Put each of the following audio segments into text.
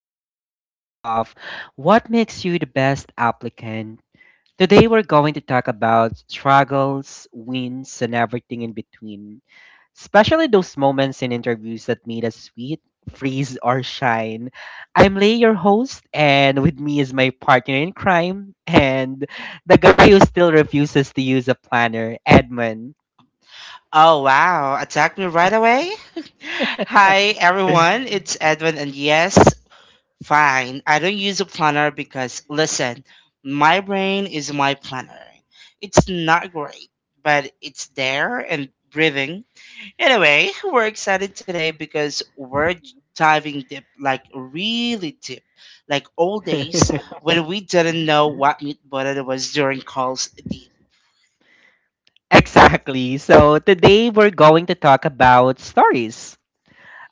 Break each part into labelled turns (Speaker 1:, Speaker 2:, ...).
Speaker 1: episode of What Makes You the Best Applicant. Today we're going to talk about struggles, wins, and everything in between, especially those moments in interviews that made us sweet, freeze, or shine. I'm Lay, your host, and with me is my partner in crime and the guy who still refuses to use a planner, Edmund.
Speaker 2: Oh wow, attack me right away? Hi everyone, it's Edwin and yes, fine. I don't use a planner because listen, my brain is my planner. It's not great, but it's there and breathing. Anyway, we're excited today because we're diving deep, like really deep, like old days when we didn't know what meat butter was during calls deep.
Speaker 1: Exactly. So today we're going to talk about stories.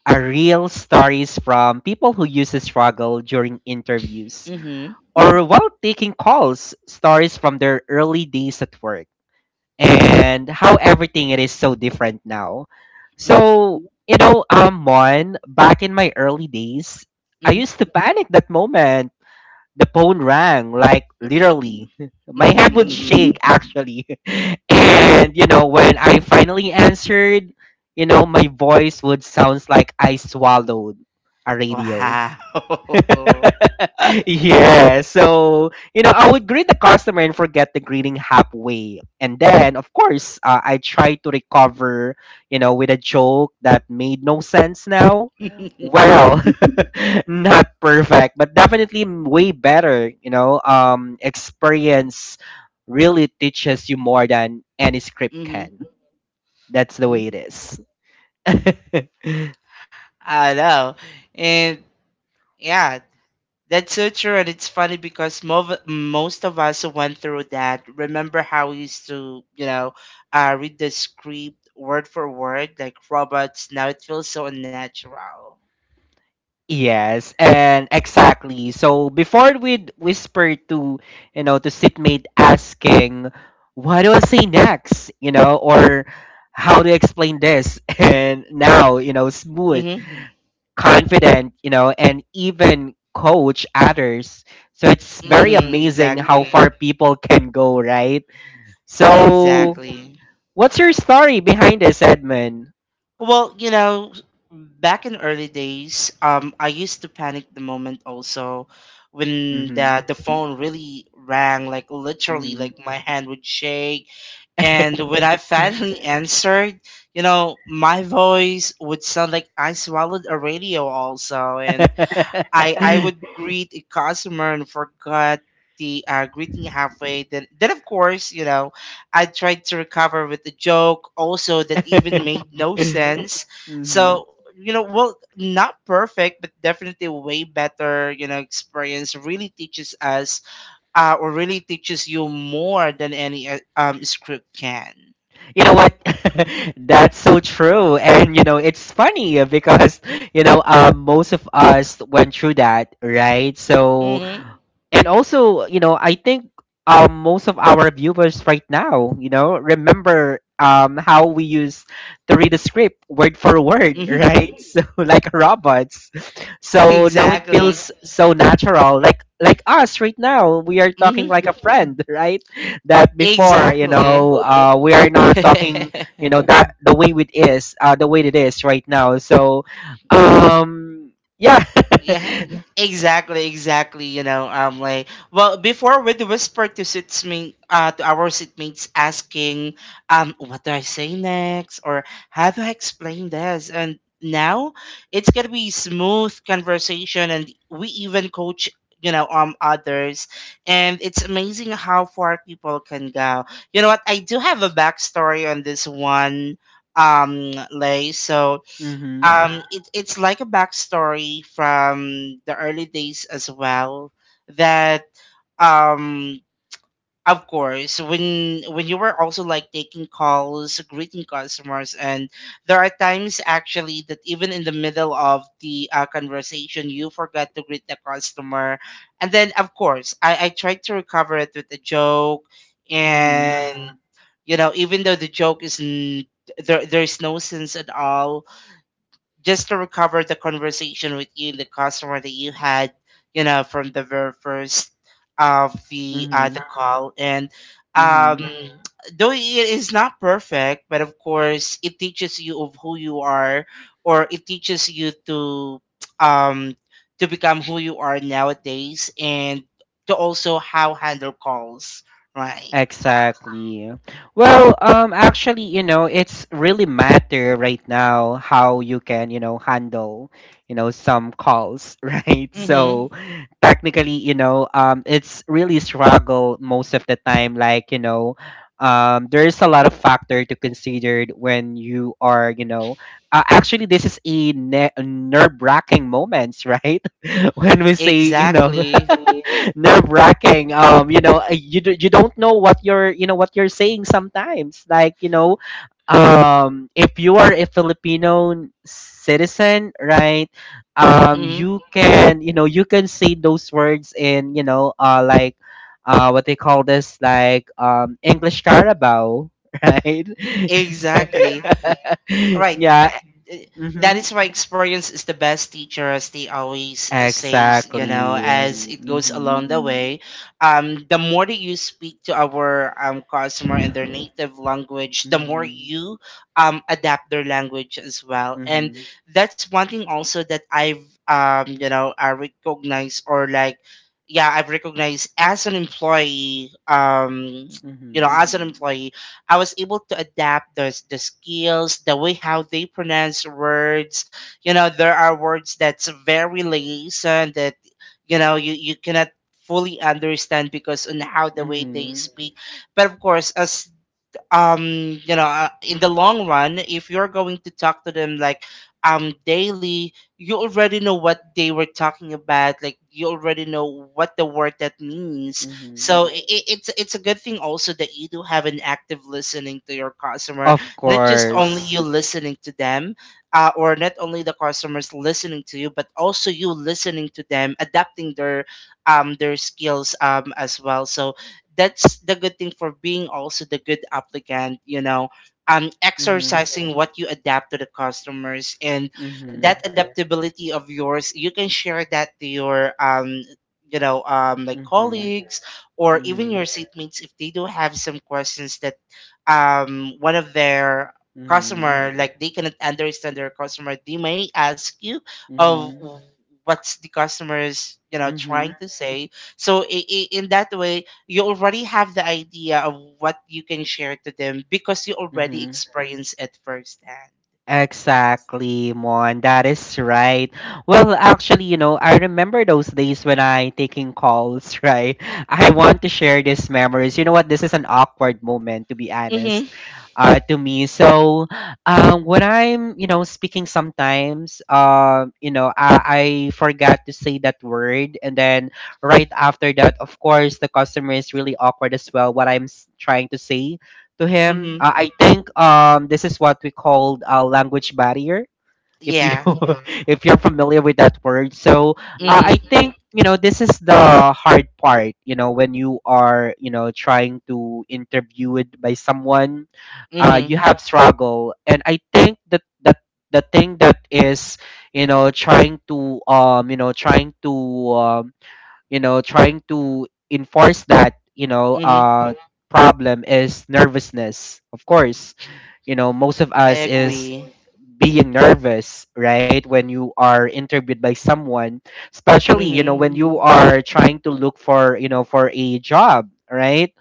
Speaker 1: Are real stories from people who use the struggle during interviews
Speaker 2: Mhm.
Speaker 1: or while taking calls, stories from their early days at work and how everything it is so different now.
Speaker 2: Mhm.
Speaker 1: So, Mon, back in my early days, I
Speaker 2: Mhm.
Speaker 1: used to panic that moment the phone rang, like literally. My
Speaker 2: Mhm.
Speaker 1: head would
Speaker 2: Mhm.
Speaker 1: shake actually. And when I finally answered, my voice would sounds like I swallowed a radio.
Speaker 2: Wow.
Speaker 1: Yeah. So, I would greet the customer and forget the greeting halfway. And then, of course, I try to recover, with a joke that made no sense now.
Speaker 2: Hmm.
Speaker 1: Well, not perfect, but definitely way better. Experience really teaches you more than any script
Speaker 2: Hmm.
Speaker 1: can. That's the way it is.
Speaker 2: I know. And yeah, that's so true. And It's funny because most of us who went through that remember how we used to, read the script word for word like robots. Now it feels so unnatural.
Speaker 1: Yes, and exactly. So before we'd whisper to, to sitmate asking, what do I say next? Or how to explain this? And now, smooth,
Speaker 2: Mm-hmm.
Speaker 1: confident, and even coach others. So it's very
Speaker 2: Mm-hmm.
Speaker 1: amazing how
Speaker 2: Exactly.
Speaker 1: far people can go, right? So
Speaker 2: Exactly.
Speaker 1: what's your story behind this, Edmund?
Speaker 2: Well, you know, back in early days, I used to panic the moment also when the
Speaker 1: Mm-hmm.
Speaker 2: the phone really rang, like literally, like my hand would shake,
Speaker 1: Mm-hmm.
Speaker 2: and when I finally answered, you know, my voice would sound like I swallowed a radio also, and I would greet a customer and forgot the greeting halfway. Then of course, you know, I tried to recover with a joke also that even made no sense.
Speaker 1: Hmm.
Speaker 2: So, you know, well, not perfect, but definitely a way better, you know. Experience really teaches us or really teaches you more than any script can.
Speaker 1: You know what? That's so true. And it's funny because most of us went through that, right? So
Speaker 2: Mhm.
Speaker 1: and also I think most of our viewers right now remember how we used to read the script word for word,
Speaker 2: Mhm.
Speaker 1: right? So like robots. So now it
Speaker 2: Exactly.
Speaker 1: feels so natural, like us right now. We are talking
Speaker 2: Mhm.
Speaker 1: like a friend, right? That before
Speaker 2: Exactly.
Speaker 1: we are not talking, that the way it is, the way it is right now. So um yeah.
Speaker 2: Yeah, exactly. You know, like well, before with the whisper to sitmate, to our sitmates asking, what do I say next, or how do I explain this, and now it's gonna be smooth conversation, and we even coach, you know, others, and it's amazing how far people can go. You know what? I do have a backstory on this one, Lay. So
Speaker 1: Mm-hmm.
Speaker 2: it's like a backstory from the early days as well that um of course when you were also like taking calls greeting customers and there are times actually that even in the middle of the conversation you forgot to greet the customer, and then of course I tried to recover it with a joke,
Speaker 1: Mm-hmm.
Speaker 2: and even though the joke is there, there's no sense at all, just to recover the conversation with you, the customer that you had, you know, from the very first of
Speaker 1: Mm-hmm.
Speaker 2: the call, and
Speaker 1: Mm-hmm.
Speaker 2: mhm, though it is not perfect, but of course it teaches you of who you are, or it teaches you um to become who you are nowadays, and to also how handle calls, right?
Speaker 1: Exactly. Well, actually, it's really matter right now how you can, handle, some calls, right? So,
Speaker 2: Mm-hmm.
Speaker 1: technically it's really struggle most of the time, like there's a lot of factor to consider when you are, actually this is a nerve-wracking moments, right? When we say,
Speaker 2: Exactly.
Speaker 1: nerve-wracking, you don't know what you're, what you're saying sometimes, like if you are a Filipino citizen, right?
Speaker 2: Mm-hmm.
Speaker 1: You can, you can say those words in, what they call this, like English carabao, right?
Speaker 2: Exactly. Right.
Speaker 1: Yeah.
Speaker 2: Eh, that
Speaker 1: Mm-hmm.
Speaker 2: is why experience is the best teacher, as they always says, you know,
Speaker 1: Exactly.
Speaker 2: as it goes
Speaker 1: Mm-hmm.
Speaker 2: along the way. Um, the more that you speak to our customer in their native language, the more
Speaker 1: Mm-hmm.
Speaker 2: you adapt their language as well, and
Speaker 1: Mm-hmm.
Speaker 2: that's one thing also that I've um, you know, I recognize, or like, yeah, I've recognized as an employee, um, you know,
Speaker 1: Mm-hmm.
Speaker 2: as an employee I was able to adapt the skills, the way how they pronounce words. You know, there are words that's very liaison that you know you cannot fully understand because on how the way they
Speaker 1: Mm-hmm.
Speaker 2: speak. But of course, as um, you know, in the long run, if you're going to talk to them like daily, you already know what they were talking about, like you already know what the word that means.
Speaker 1: Mm-hmm.
Speaker 2: So it's a good thing also that you do have an active listening to your customer,
Speaker 1: Of
Speaker 2: not just only
Speaker 1: course.
Speaker 2: you listening to them, or not only the customers listening to you, but also you listening to them adapting their skills, um, as well. So that's the good thing for being also the good applicant, you know, um,
Speaker 1: Mm-hmm.
Speaker 2: exercising what you adapt to the customers, and
Speaker 1: Mm-hmm.
Speaker 2: that adaptability of yours you can share that to your um, you know, um, like
Speaker 1: Mm-hmm.
Speaker 2: colleagues or even
Speaker 1: Mm-hmm.
Speaker 2: your seatmates if they do have some questions that one of their
Speaker 1: Mm-hmm.
Speaker 2: customer, like they cannot understand their customer, they may ask you of
Speaker 1: Mm-hmm.
Speaker 2: what's the customers you know
Speaker 1: Mm-hmm.
Speaker 2: trying to say. So in that way you already have the idea of what you can share to them because you already
Speaker 1: Mm-hmm.
Speaker 2: experience it firsthand.
Speaker 1: Exactly, Mon. That is right. Well, actually, I remember those days when I taking calls, right? I want to share these memories. You know what? This is an awkward moment, to be honest,
Speaker 2: Mm-hmm.
Speaker 1: to me. So, when I'm, speaking sometimes, I forgot to say that word, and then right after that, of course, the customer is really awkward as well. What I'm trying to say to him.
Speaker 2: Mm-hmm.
Speaker 1: I think this is what we called a language barrier. If you
Speaker 2: Yeah.
Speaker 1: if you're familiar with that word, so
Speaker 2: Mm-hmm.
Speaker 1: I think this is the hard part. You know when you are, trying to interview it by someone,
Speaker 2: Mm-hmm.
Speaker 1: you have struggle, and I think that the thing that is, you know trying to you know trying to um you know trying to enforce that,
Speaker 2: Mm-hmm.
Speaker 1: problem is nervousness. Of course, most of
Speaker 2: I
Speaker 1: us is
Speaker 2: agree.
Speaker 1: being nervous, right, when you are interviewed by someone, especially
Speaker 2: Mm-hmm.
Speaker 1: when you are trying to look for, for a job, right?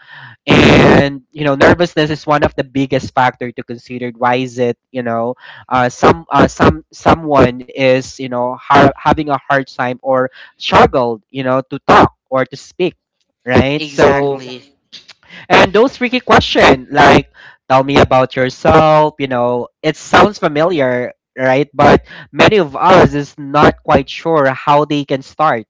Speaker 1: And nervousness is one of the biggest factor to consider why is it, someone is, having a hard time or struggled, to talk or to speak, right? So
Speaker 2: Exactly.
Speaker 1: and those tricky question like tell me about yourself, it sounds familiar, right? But many of us is not quite sure how they can start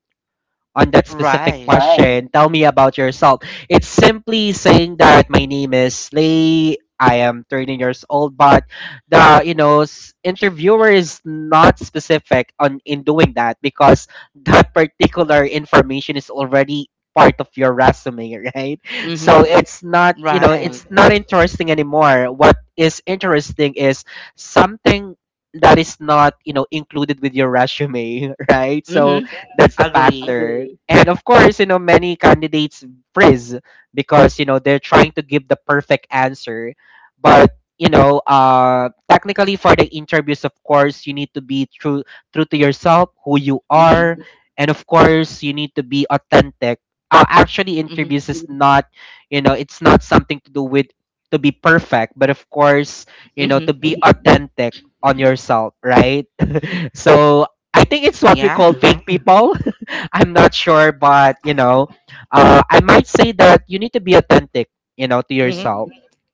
Speaker 1: on that specific
Speaker 2: Right.
Speaker 1: question. Tell me about yourself. It's simply saying that my name is Lay. I am 13 years old, but the interviewer is not specific on in doing that because that particular information is already part of your resume, right? So
Speaker 2: Mm-hmm.
Speaker 1: it's not, it's
Speaker 2: Right.
Speaker 1: not interesting anymore. What is interesting is something that is not, included with your resume, right? So
Speaker 2: Mm-hmm.
Speaker 1: that's the
Speaker 2: Agree.
Speaker 1: factor. And of course, many candidates frizz because, they're trying to give the perfect answer. But, technically for the interviews, of course, you need to be true, true to yourself, who you are.
Speaker 2: Mm-hmm.
Speaker 1: And of course, you need to be authentic. Actually,
Speaker 2: Mm-hmm.
Speaker 1: interviews is not, it's not something to do with to be perfect, but of course, to
Speaker 2: Mm-hmm.
Speaker 1: be authentic on yourself, right? So I think it's what we call
Speaker 2: Yeah.
Speaker 1: big people. I'm not sure, but I might say that you need to be authentic, to
Speaker 2: Mm-hmm.
Speaker 1: yourself.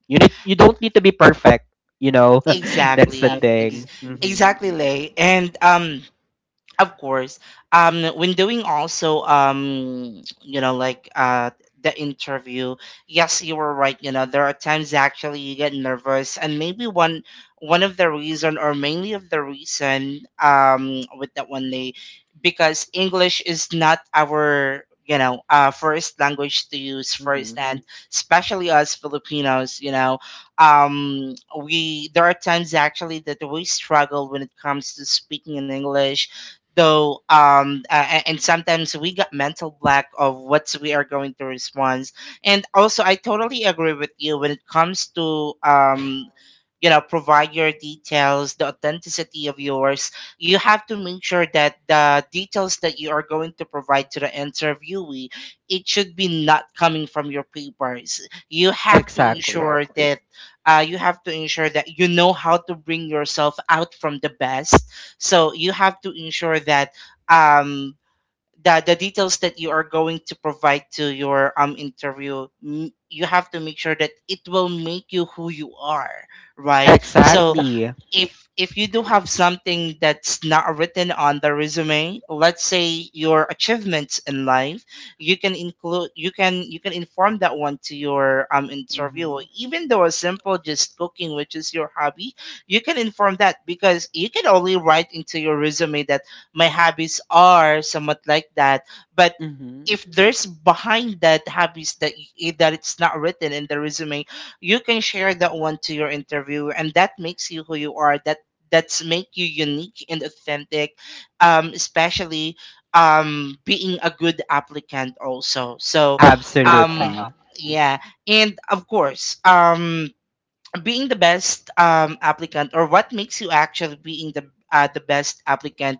Speaker 1: You don't need to be perfect, you know. That's the
Speaker 2: Exactly. Ex-
Speaker 1: thing.
Speaker 2: exactly, Lay. And of course when doing also you know like the interview, yes, you were right, you know, there are times actually you get nervous, and maybe one, one of the reason, or mainly of the reason, um, with that one day, because english is not our, you know, uh, first language to use first, and especially us filipinos, you know, um, we there are times actually that we struggle when it comes to speaking in english, though and sometimes we got mental black of what we are going to respond. And also I totally agree with you when it comes to um, you know, provide your details, the authenticity of yours. You have to make sure that the details that you are going to provide to the interviewee, it should be not coming from your papers. You have to
Speaker 1: Exactly.
Speaker 2: ensure that you have to ensure that you know how to bring yourself out from the best. So you have to ensure that um the details that you are going to provide to your you have to make sure that it will make you who you are, right? So
Speaker 1: Exactly.
Speaker 2: if you do have something that's not written on the resume, let's say your achievements in life, you can include, you can inform that one to your interviewer,
Speaker 1: Hmm.
Speaker 2: even though a simple just cooking which is your hobby, you can inform that because you can only write into your resume that my hobbies are somewhat like that, but
Speaker 1: Hmm.
Speaker 2: if there's behind that hobbies that that it's not written in the resume, you can share that one to your interviewer, and that makes you who you are. That that's make you unique and authentic, um, especially being a good applicant also. So um
Speaker 1: Absolutely.
Speaker 2: yeah, and of course being the best applicant, or what makes you actually being the best applicant,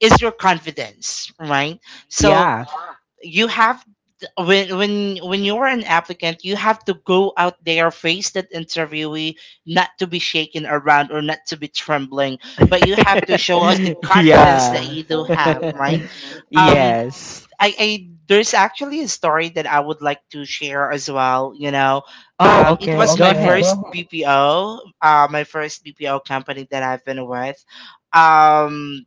Speaker 2: is your confidence, right? So
Speaker 1: Yeah.
Speaker 2: you have, when when you're an applicant, you have to go out there, face that interviewee, not to be shaken around or not to be trembling, but you have to show us the confidence that
Speaker 1: Yeah.
Speaker 2: you do have, right? Um,
Speaker 1: Yes.
Speaker 2: I there's actually a story that I would like to share as well, you know.
Speaker 1: Oh,
Speaker 2: Um, it
Speaker 1: okay.
Speaker 2: was
Speaker 1: Go
Speaker 2: my
Speaker 1: ahead.
Speaker 2: first bpo, uh, my first bpo company that I've been with. Um,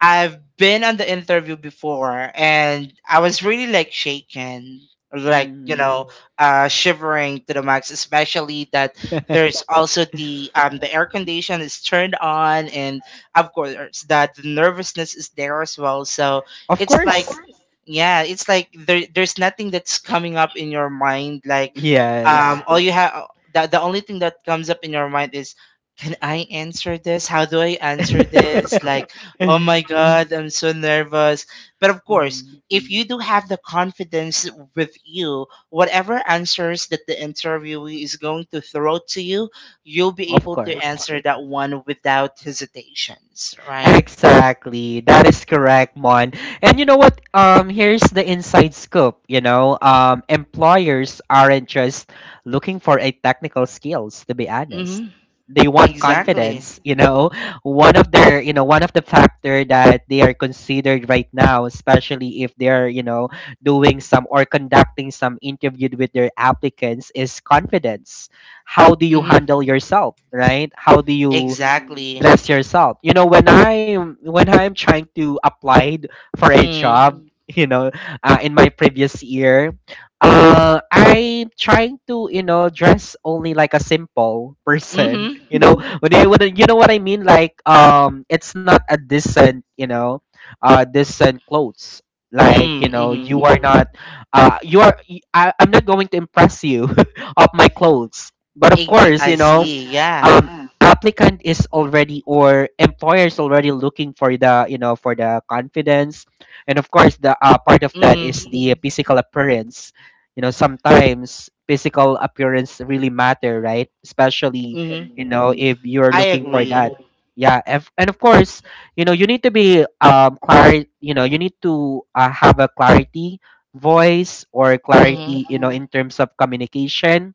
Speaker 2: I've been on the interview before, and I was really like shaken, like, you
Speaker 1: Hmm.
Speaker 2: know, shivering to the max, especially that there's also the air condition is turned on, and of course that the nervousness is there as well. So
Speaker 1: Of
Speaker 2: it's of like
Speaker 1: course.
Speaker 2: yeah, it's like there's nothing that's coming up in your mind, like
Speaker 1: Yes.
Speaker 2: all yeah, you have the only thing that comes up in your mind is can I answer this? How do I answer this? Like, oh my God, I'm so nervous. But of course,
Speaker 1: Mm,
Speaker 2: if you do have the confidence with you, whatever answers that the interviewee is going to throw to you, you'll be
Speaker 1: of
Speaker 2: able to
Speaker 1: course.
Speaker 2: answer that one without hesitations, right?
Speaker 1: Exactly. That is correct, Mon. And you know what? Here's the inside scoop. You know, employers aren't just looking for a technical skills. To be honest,
Speaker 2: Mm-hmm.
Speaker 1: they want
Speaker 2: Exactly.
Speaker 1: confidence. You know, one of the factor that they are considered right now, especially if they're, doing some or conducting some interview with their applicants, is confidence. How do you
Speaker 2: Mm-hmm.
Speaker 1: handle yourself? Right? How do you
Speaker 2: Exactly.
Speaker 1: dress yourself. You know, when I'm trying to apply for a
Speaker 2: Mm.
Speaker 1: job, Mm. In my previous year, I'm trying to, dress only like a simple person.
Speaker 2: Mm-hmm.
Speaker 1: You know, you know what I mean, like it's not a decent, decent clothes. Like
Speaker 2: Mm.
Speaker 1: you know, Mm, you
Speaker 2: Mm-hmm.
Speaker 1: are yeah. not, you are. I'm not going to impress you of my clothes. But of
Speaker 2: Ex-
Speaker 1: course,
Speaker 2: I see. Yeah.
Speaker 1: um, applicant is already or employers already looking for the, for the confidence, and of course the, part of that is
Speaker 2: Mm-hmm.
Speaker 1: the physical appearance. You know sometimes physical appearance really matter, right, especially,
Speaker 2: Mm-hmm.
Speaker 1: if you're
Speaker 2: I
Speaker 1: looking for that.
Speaker 2: agree.
Speaker 1: Yeah if, and of course you need to be you know you need to have a clarity voice or
Speaker 2: Mm-hmm.
Speaker 1: clarity in terms of communication,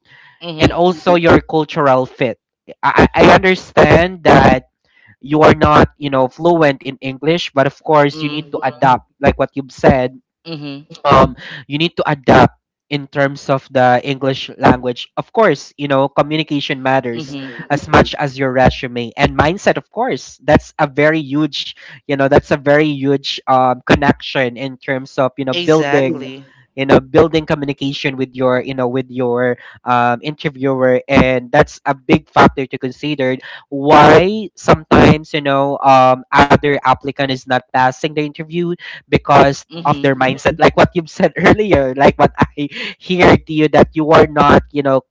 Speaker 1: and
Speaker 2: Mm-hmm.
Speaker 1: also your cultural fit. I understand that you are not, fluent in English, but of course you need
Speaker 2: Mm-hmm.
Speaker 1: to adapt, like what you've said,
Speaker 2: Mm-hmm.
Speaker 1: um you need to adapt in terms of the English language. Of course, communication matters
Speaker 2: Mm-hmm.
Speaker 1: as much as your resume and mindset, of course. That's a very huge, that's a very huge connection in terms of,
Speaker 2: Exactly.
Speaker 1: building communication with your, interviewer, and that's a big factor to consider why sometimes, other applicant is not passing the interview because of their
Speaker 2: Mhm.
Speaker 1: mindset, like what you've said earlier, like what I hear to you that you are not, you know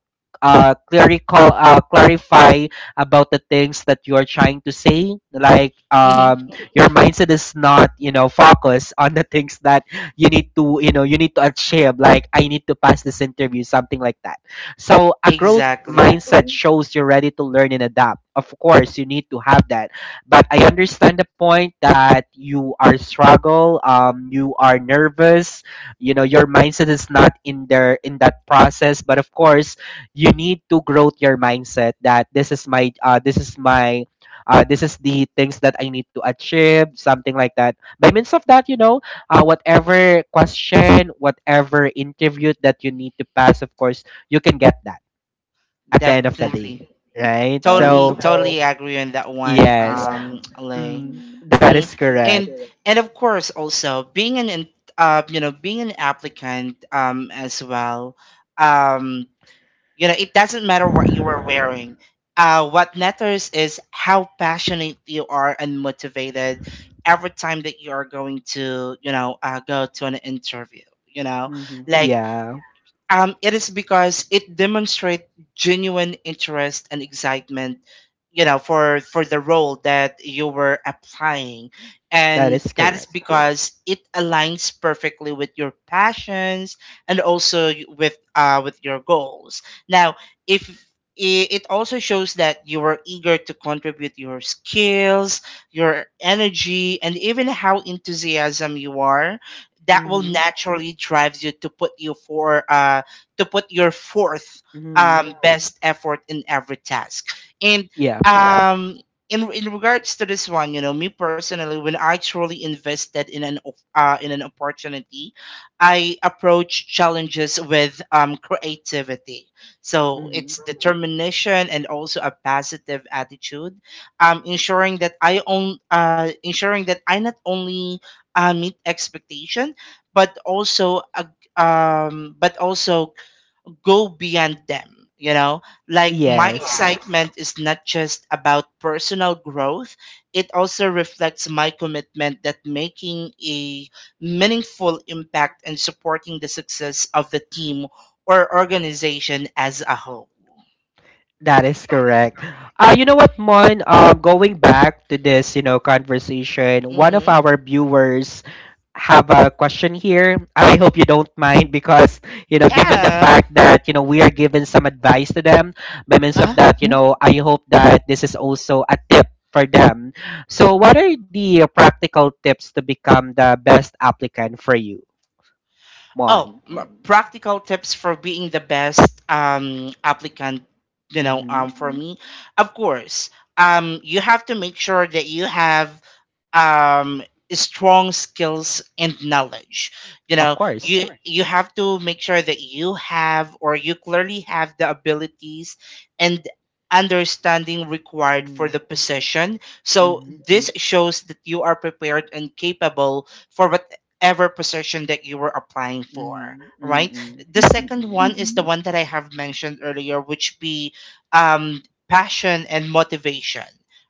Speaker 1: clerical clarify about the things that you are trying to say, like
Speaker 2: Mhm.
Speaker 1: your mindset is not, focused on the things that you need to achieve, like I need to pass this interview, something like that. So a growth
Speaker 2: Exactly.
Speaker 1: mindset shows you're ready to learn and adapt. Of course you need to have that. But I understand the point that you are struggle, you are nervous, your mindset is not in there in that process. But of course, you need to grow your mindset that this is my, this is the things that I need to achieve, something like that. By means of that, whatever question, whatever interview that you need to pass, of course, you can get that at the end of the
Speaker 2: Definitely.
Speaker 1: day,
Speaker 2: And
Speaker 1: right?
Speaker 2: totally. So,
Speaker 1: So
Speaker 2: totally. So, agree on that one.
Speaker 1: yes.
Speaker 2: Yeah, um, right,
Speaker 1: Mm,
Speaker 2: Lay.
Speaker 1: mm. That is
Speaker 2: Mm. And
Speaker 1: correct.
Speaker 2: correct. And of course also being an uh, you know, being an applicant as well, um, you know, it doesn't matter what you are wearing. Uh, what matters is how passionate you are and motivated every time that you are going to, you know, go to an interview, you know,
Speaker 1: Mhm.
Speaker 2: like,
Speaker 1: Yeah,
Speaker 2: um, it is because it demonstrates genuine interest and excitement, you know, for the role that you were applying,
Speaker 1: that
Speaker 2: and
Speaker 1: is
Speaker 2: that is
Speaker 1: correct.
Speaker 2: because it aligns perfectly with your passions and also with your goals. Now, if it also shows that you are eager to contribute your skills, your energy, and even how enthusiasm you are, that will
Speaker 1: Mhm.
Speaker 2: naturally drives you to put you for uh, to put your fourth
Speaker 1: Mhm.
Speaker 2: um best effort in every task. And
Speaker 1: Yeah.
Speaker 2: um, in regards to this one, you know, me personally, when I truly invested in an in an opportunity, I approach challenges with um creativity. So
Speaker 1: Mhm.
Speaker 2: it's determination and also a positive attitude, ensuring that I own ensuring that I not only meet expectation, but also a but also go beyond them. Like my
Speaker 1: Yes,
Speaker 2: excitement is not just about personal growth, it also reflects my commitment that making a meaningful impact and supporting the success of the team or organization as a whole.
Speaker 1: that is correct. You know what, Mon? Going back to this, conversation, one of
Speaker 2: Hmm.
Speaker 1: our viewers have a question here. I hope you don't mind because, given the
Speaker 2: Yeah.
Speaker 1: fact that, we are giving some advice to them by means of
Speaker 2: Uh-huh.
Speaker 1: that, you Mhm. know, I hope that this is also a tip for them. So, what are the practical tips to become the best applicant for you,
Speaker 2: Oh,
Speaker 1: Mon?
Speaker 2: practical tips for being the best applicant, you know,
Speaker 1: Mm-hmm.
Speaker 2: for Mhm. me. Of course, you have to make sure that you have um, strong skills and knowledge. You
Speaker 1: Of
Speaker 2: know. Of
Speaker 1: course.
Speaker 2: you course, you have to make sure that you have, or you clearly have, the abilities and understanding required for
Speaker 1: Mm.
Speaker 2: the position. So Mhm.
Speaker 1: Mm-hmm.
Speaker 2: this Mhm. shows that you are prepared and capable for ever position that you were applying for,
Speaker 1: Mm-hmm.
Speaker 2: right?
Speaker 1: Mm-hmm.
Speaker 2: The second
Speaker 1: Mm-hmm.
Speaker 2: one is the Mhm. one that I have mentioned earlier, which be um, passion and motivation,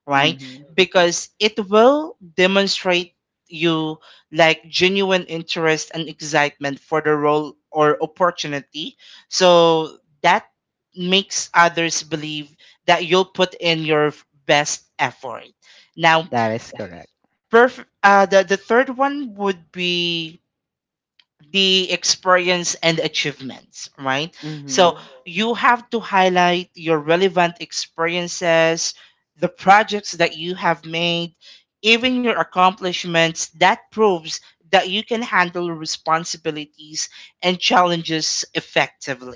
Speaker 2: right?
Speaker 1: Mm-hmm.
Speaker 2: Because it will demonstrate you like genuine interest and excitement for the role or opportunity. So that makes others believe that you'll put in your best effort. Now,
Speaker 1: That is correct.
Speaker 2: the third one would be the experience and achievements, right?
Speaker 1: Mm-hmm.
Speaker 2: So you have to highlight your relevant experiences, the projects that you have made, even your accomplishments. That proves that you can handle responsibilities and challenges effectively,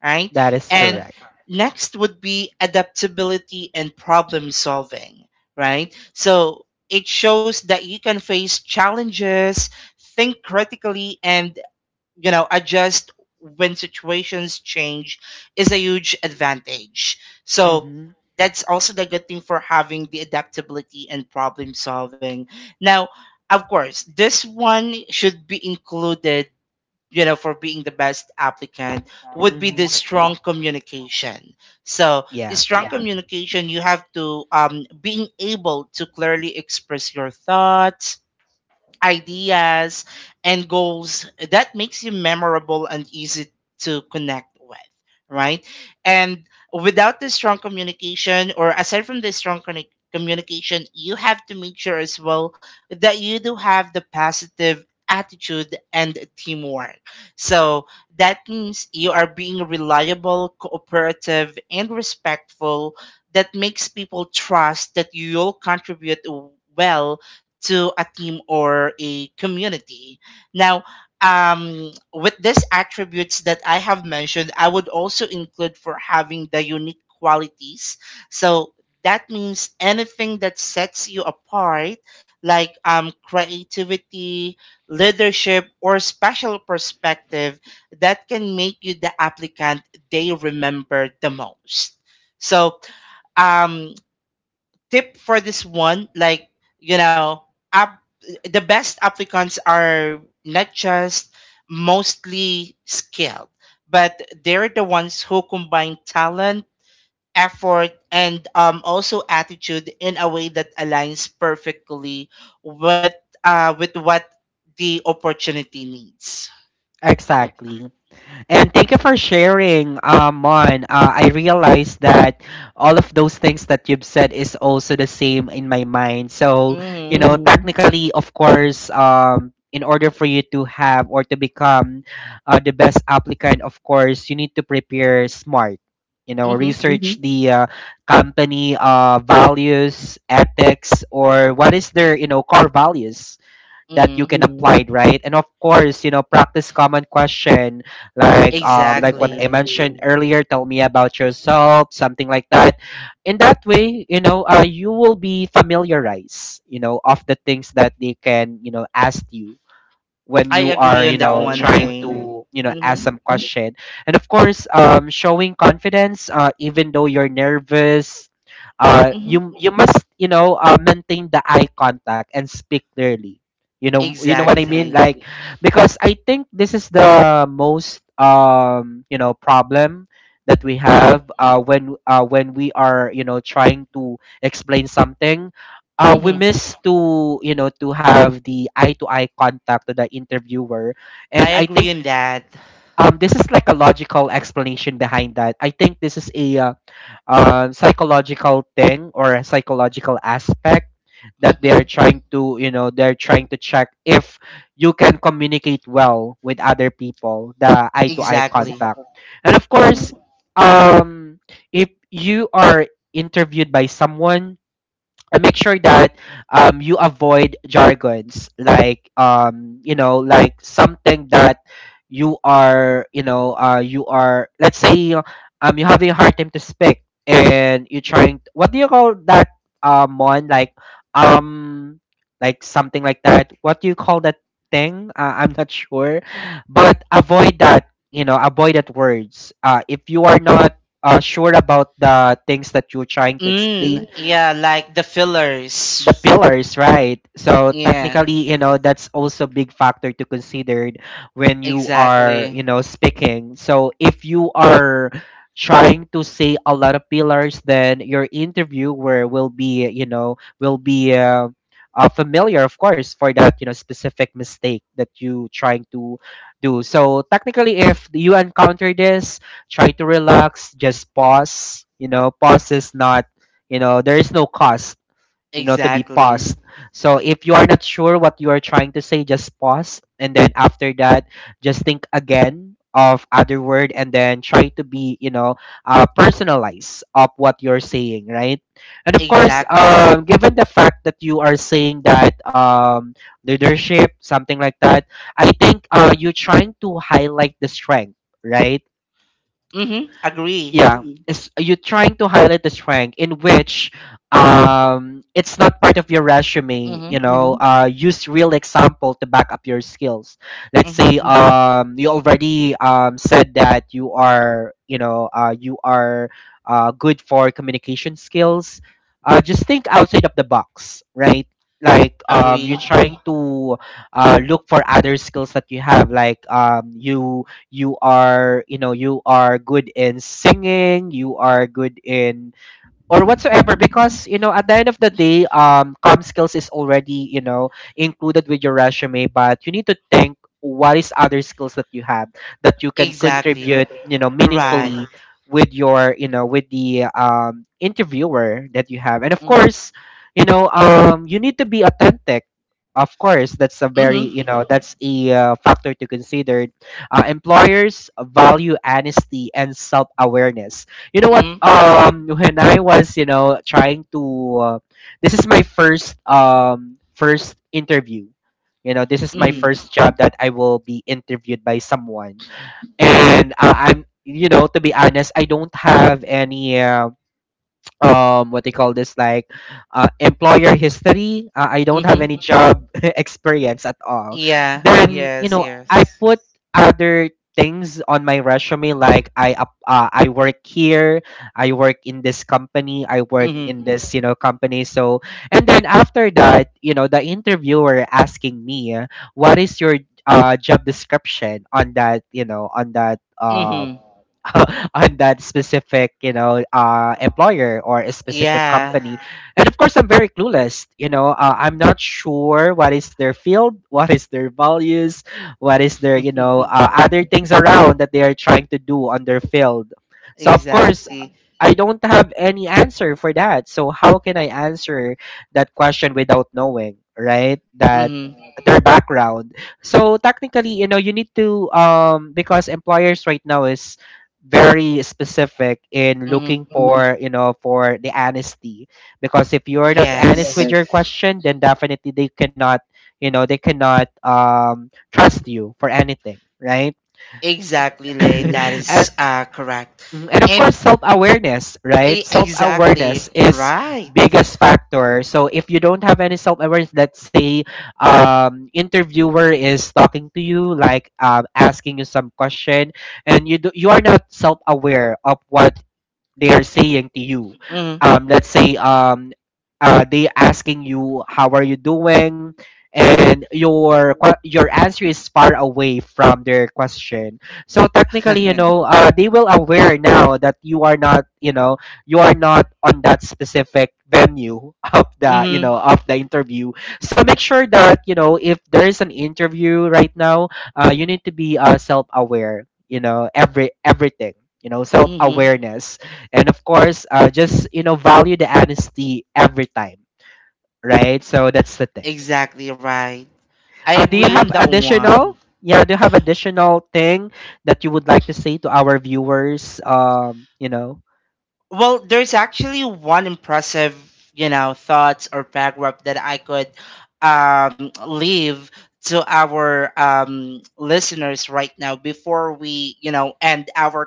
Speaker 2: right?
Speaker 1: That is
Speaker 2: And
Speaker 1: correct.
Speaker 2: next would be adaptability and problem solving, right? So it shows that you can face challenges, think critically, and you know adjust when situations change, is a huge advantage. So
Speaker 1: Mm-hmm.
Speaker 2: that's also the good thing for having the adaptability and problem solving. Now of course this one should be included, you know, for being the best applicant, would be
Speaker 1: Mm-hmm.
Speaker 2: the strong communication. So in
Speaker 1: Yeah,
Speaker 2: strong communication you have to being able to clearly express your thoughts, ideas, and goals that makes you memorable and easy to connect with, right? And without the strong communication, or aside from the strong communication, you have to make sure as well that you do have the positive attitude and teamwork. So that means you are being reliable, cooperative, and respectful. That makes people trust that you'll contribute well to a team or a community. Now, with these attributes that I have mentioned, I would also include for having the unique qualities. So that means anything that sets you apart, like creativity, leadership, or special perspective, that can make you the applicant they remember the most. So, um, tip for this one, like you know, app, the best applicants are not just mostly skilled, but they're the ones who combine talent, effort, and also attitude in a way that aligns perfectly with with what the opportunity needs.
Speaker 1: exactly. And thank you for sharing, Mon. I realized that all of those things that you've said is also the same in my mind. So,
Speaker 2: Mm-hmm.
Speaker 1: Mm. technically, of course, in order for you to have or to become the best applicant, of course, you need to prepare smart. You know,
Speaker 2: Mm-hmm.
Speaker 1: research Mm-hmm. the company values, ethics, or what is their, core values that you
Speaker 2: Mm-hmm.
Speaker 1: can apply, right? And of course, practice common question, like what I
Speaker 2: Exactly.
Speaker 1: mentioned Exactly. earlier, tell me about yourself, something like that. In that way, you will be familiarized, of the things that they can ask you when
Speaker 2: I
Speaker 1: you are
Speaker 2: agree on that one,
Speaker 1: trying
Speaker 2: Lay.
Speaker 1: to ask
Speaker 2: Mm-hmm.
Speaker 1: some question. And of course, showing confidence, even though you're nervous,
Speaker 2: Mm-hmm.
Speaker 1: you must maintain the eye contact and speak clearly. You know, you know what I mean,
Speaker 2: Exactly.
Speaker 1: like, Exactly. because I think this is the most problem that we
Speaker 2: Mm-hmm.
Speaker 1: have when when we are trying to explain something. We
Speaker 2: Hmm.
Speaker 1: miss to to have the eye to eye contact to the interviewer.
Speaker 2: I
Speaker 1: And I
Speaker 2: agree
Speaker 1: think
Speaker 2: on that.
Speaker 1: this is like a logical explanation behind that. I think this is a psychological thing or a psychological aspect that they're
Speaker 2: Hmm.
Speaker 1: trying to, they're trying to check if you can communicate well with other people, the eye to eye
Speaker 2: Exactly.
Speaker 1: contact. Exactly. And of
Speaker 2: Mm.
Speaker 1: course, um if you are interviewed by someone, and make sure that, you avoid jargons, like, like something that you are, you are, let's say, you're having a hard time to speak and you're trying, what do you call that, Mon, like, um like something like that, what do you call that thing? I'm not sure, but avoid that, you know, avoid that words if you are not sure about the things that you're trying to explain.
Speaker 2: Mm, yeah, like the
Speaker 1: The
Speaker 2: fillers.
Speaker 1: pillars, right? So technically, you
Speaker 2: Yes.
Speaker 1: know, that's also big factor to consider when you are,
Speaker 2: Exactly.
Speaker 1: speaking. So if you are trying to say a lot of pillars, then your interviewer will be, familiar, of course, for that, you know, specific mistake that you trying to do. So technically, if you encounter this, try to relax, just pause. You know, pause is not, you know, there is no cost, you know, to be
Speaker 2: Exactly.
Speaker 1: paused. So if you are not sure what you are trying to say, just pause. And then after that, just think again of other word, and then try to be, you know, personalize of what you're saying, right? And of course,
Speaker 2: Exactly.
Speaker 1: given the fact that you are saying that leadership, something like that, I think you're trying to highlight the strength, right?
Speaker 2: Mm-hmm. Agree.
Speaker 1: Yeah, it's you are trying to highlight the strength, in which it's not part of your resume, you
Speaker 2: Mm-hmm.
Speaker 1: know. Mm-hmm. Use real example to back up your skills. Let's
Speaker 2: Mm-hmm.
Speaker 1: say, Mm-hmm. You already said that you are, you are good for communication skills, just think outside of the box, right? Like,
Speaker 2: Agree.
Speaker 1: you're trying to look for other skills that you have, like, you, you are, you know, you are good in singing, you are good in, or whatsoever, because you know, at the end of the day, com skills is already, you know, included with your resume. But you need to think what is other skills that you have that you can
Speaker 2: Exactly.
Speaker 1: contribute Exactly. you know
Speaker 2: Right.
Speaker 1: meaningfully with your, you know, with the interviewer that you have. And of
Speaker 2: Mm.
Speaker 1: course, you know, you need to be authentic. Of course, that's a very,
Speaker 2: Mm-hmm.
Speaker 1: you know, Mhm. that's a factor to consider. Employers value honesty and self-awareness. You know what?
Speaker 2: Mm-hmm.
Speaker 1: When I was, you know, trying to, uh, this is my first, first interview. You know, this is my
Speaker 2: Mm-hmm.
Speaker 1: first job that I will be interviewed by someone, and I'm, you know, to be honest, I don't have any. What they call this, like, employer history. I don't
Speaker 2: Mm-hmm.
Speaker 1: have any
Speaker 2: Mm-hmm.
Speaker 1: job experience at all.
Speaker 2: Yeah.
Speaker 1: Then, you
Speaker 2: Yes.
Speaker 1: know, I
Speaker 2: Yes.
Speaker 1: put other things on my resume, like I work here, I work in this company, I work
Speaker 2: Mm-hmm.
Speaker 1: in this, you know, company. So, and then after that, you know, the interviewer asking me, what is your job description on that, you know, on that,
Speaker 2: Mm-hmm.
Speaker 1: on that specific, you know, employer or a specific
Speaker 2: Yeah.
Speaker 1: company. Yeah. And of course, I'm very clueless. You know, I'm not sure what is their field, what is their values, what is their, you know, other things around that they are trying to do on their field. So of course,
Speaker 2: Exactly.
Speaker 1: I don't have any answer for that. So how can I answer that question without knowing, right, That
Speaker 2: Mm-hmm.
Speaker 1: their background? So technically, you know, you need to because employers right now is very specific in
Speaker 2: Mm-hmm.
Speaker 1: looking for, you know, for the honesty. Because if you're not honest with
Speaker 2: Yes,
Speaker 1: your question, then definitely they cannot, you know, they cannot trust you for anything, right?
Speaker 2: exactly, Lay. That is
Speaker 1: and,
Speaker 2: correct.
Speaker 1: and of
Speaker 2: And
Speaker 1: course, self-awareness, right?
Speaker 2: exactly
Speaker 1: Self-awareness is
Speaker 2: right.
Speaker 1: biggest factor. So if you don't have any self awareness, let's say interviewer is talking to you, like, asking you some question, and you do, you are not self aware of what they are saying to you.
Speaker 2: Mm-hmm.
Speaker 1: Let's say, they asking you how are you doing, and your your answer is far away from their question. So technically, you know, they will aware now that you are not, you know, you are not on that specific venue of the, you
Speaker 2: Mm-hmm.
Speaker 1: know, of the interview. So make sure that, you know, if there is an interview right now, you need to be self-aware, you know, everything, you know,
Speaker 2: Mm-hmm.
Speaker 1: self-awareness. And of course, just, you know, value the honesty every time, right? So that's the thing.
Speaker 2: Exactly right. I
Speaker 1: Do you
Speaker 2: agree on
Speaker 1: have
Speaker 2: that one.
Speaker 1: additional, yeah, do you have additional thing that you would like to say to our viewers, you know?
Speaker 2: Well, there's actually one impressive, you know, thoughts or paragraph that I could leave to our listeners right now before we, you know, end our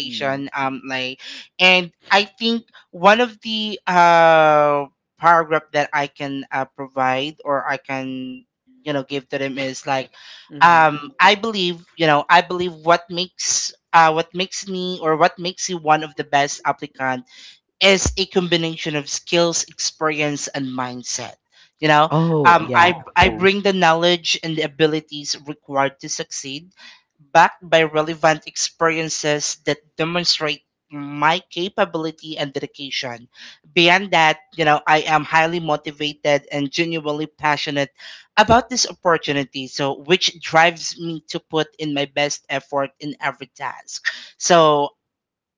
Speaker 1: Mm.
Speaker 2: Like, and I think one of the paragraph that I can provide, or I can, you know, give to them is like,
Speaker 1: Mhm.
Speaker 2: I believe, you know, I believe what makes me, or what makes you, one of the best applicant is a combination of skills, experience, and mindset. You know,
Speaker 1: Oh,
Speaker 2: um,
Speaker 1: yeah.
Speaker 2: I I bring the knowledge and the abilities required to succeed, backed by relevant experiences that demonstrate my capability and dedication. Beyond that, you know, I am highly motivated and genuinely passionate about this opportunity, so which drives me to put in my best effort in every task. So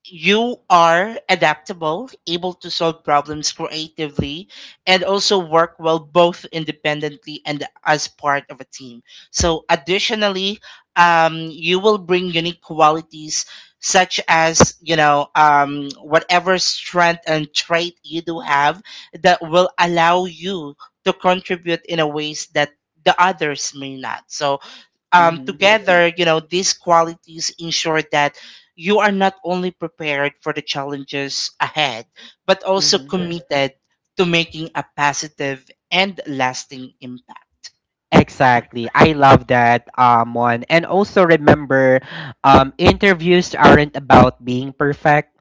Speaker 2: you are adaptable, able to solve problems creatively, and also work well both independently and as part of a team. So, additionally, you will bring unique qualities such as you know whatever strength and trait you do have that will allow you to contribute in a ways that the others may not. So together, you know, these qualities ensure that you are not only prepared for the challenges ahead, but also Yes.
Speaker 1: Mhm.
Speaker 2: committed to making a positive and lasting impact.
Speaker 1: Exactly. I love that, one. And also remember, interviews aren't about being perfect.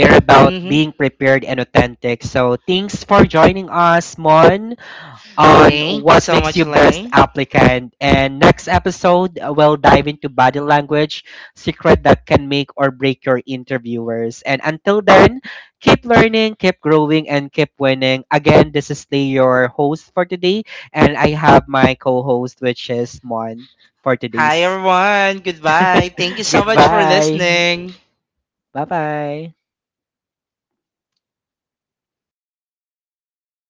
Speaker 1: They're about
Speaker 2: Hmm.
Speaker 1: being prepared and authentic. So thanks for joining us, Mon, on
Speaker 2: Thank you
Speaker 1: what
Speaker 2: so
Speaker 1: makes
Speaker 2: much,
Speaker 1: you best
Speaker 2: Lane.
Speaker 1: applicant. And next episode, we'll dive into body language, secret that can make or break your interviewers. And until then, keep learning, keep growing, and keep winning. Again, this is Lee, your host for today, and I have my co-host, which is Mon, for
Speaker 2: Hi,
Speaker 1: today's.
Speaker 2: everyone. Goodbye. Thank you so much for
Speaker 1: Goodbye.
Speaker 2: listening.
Speaker 1: Bye bye.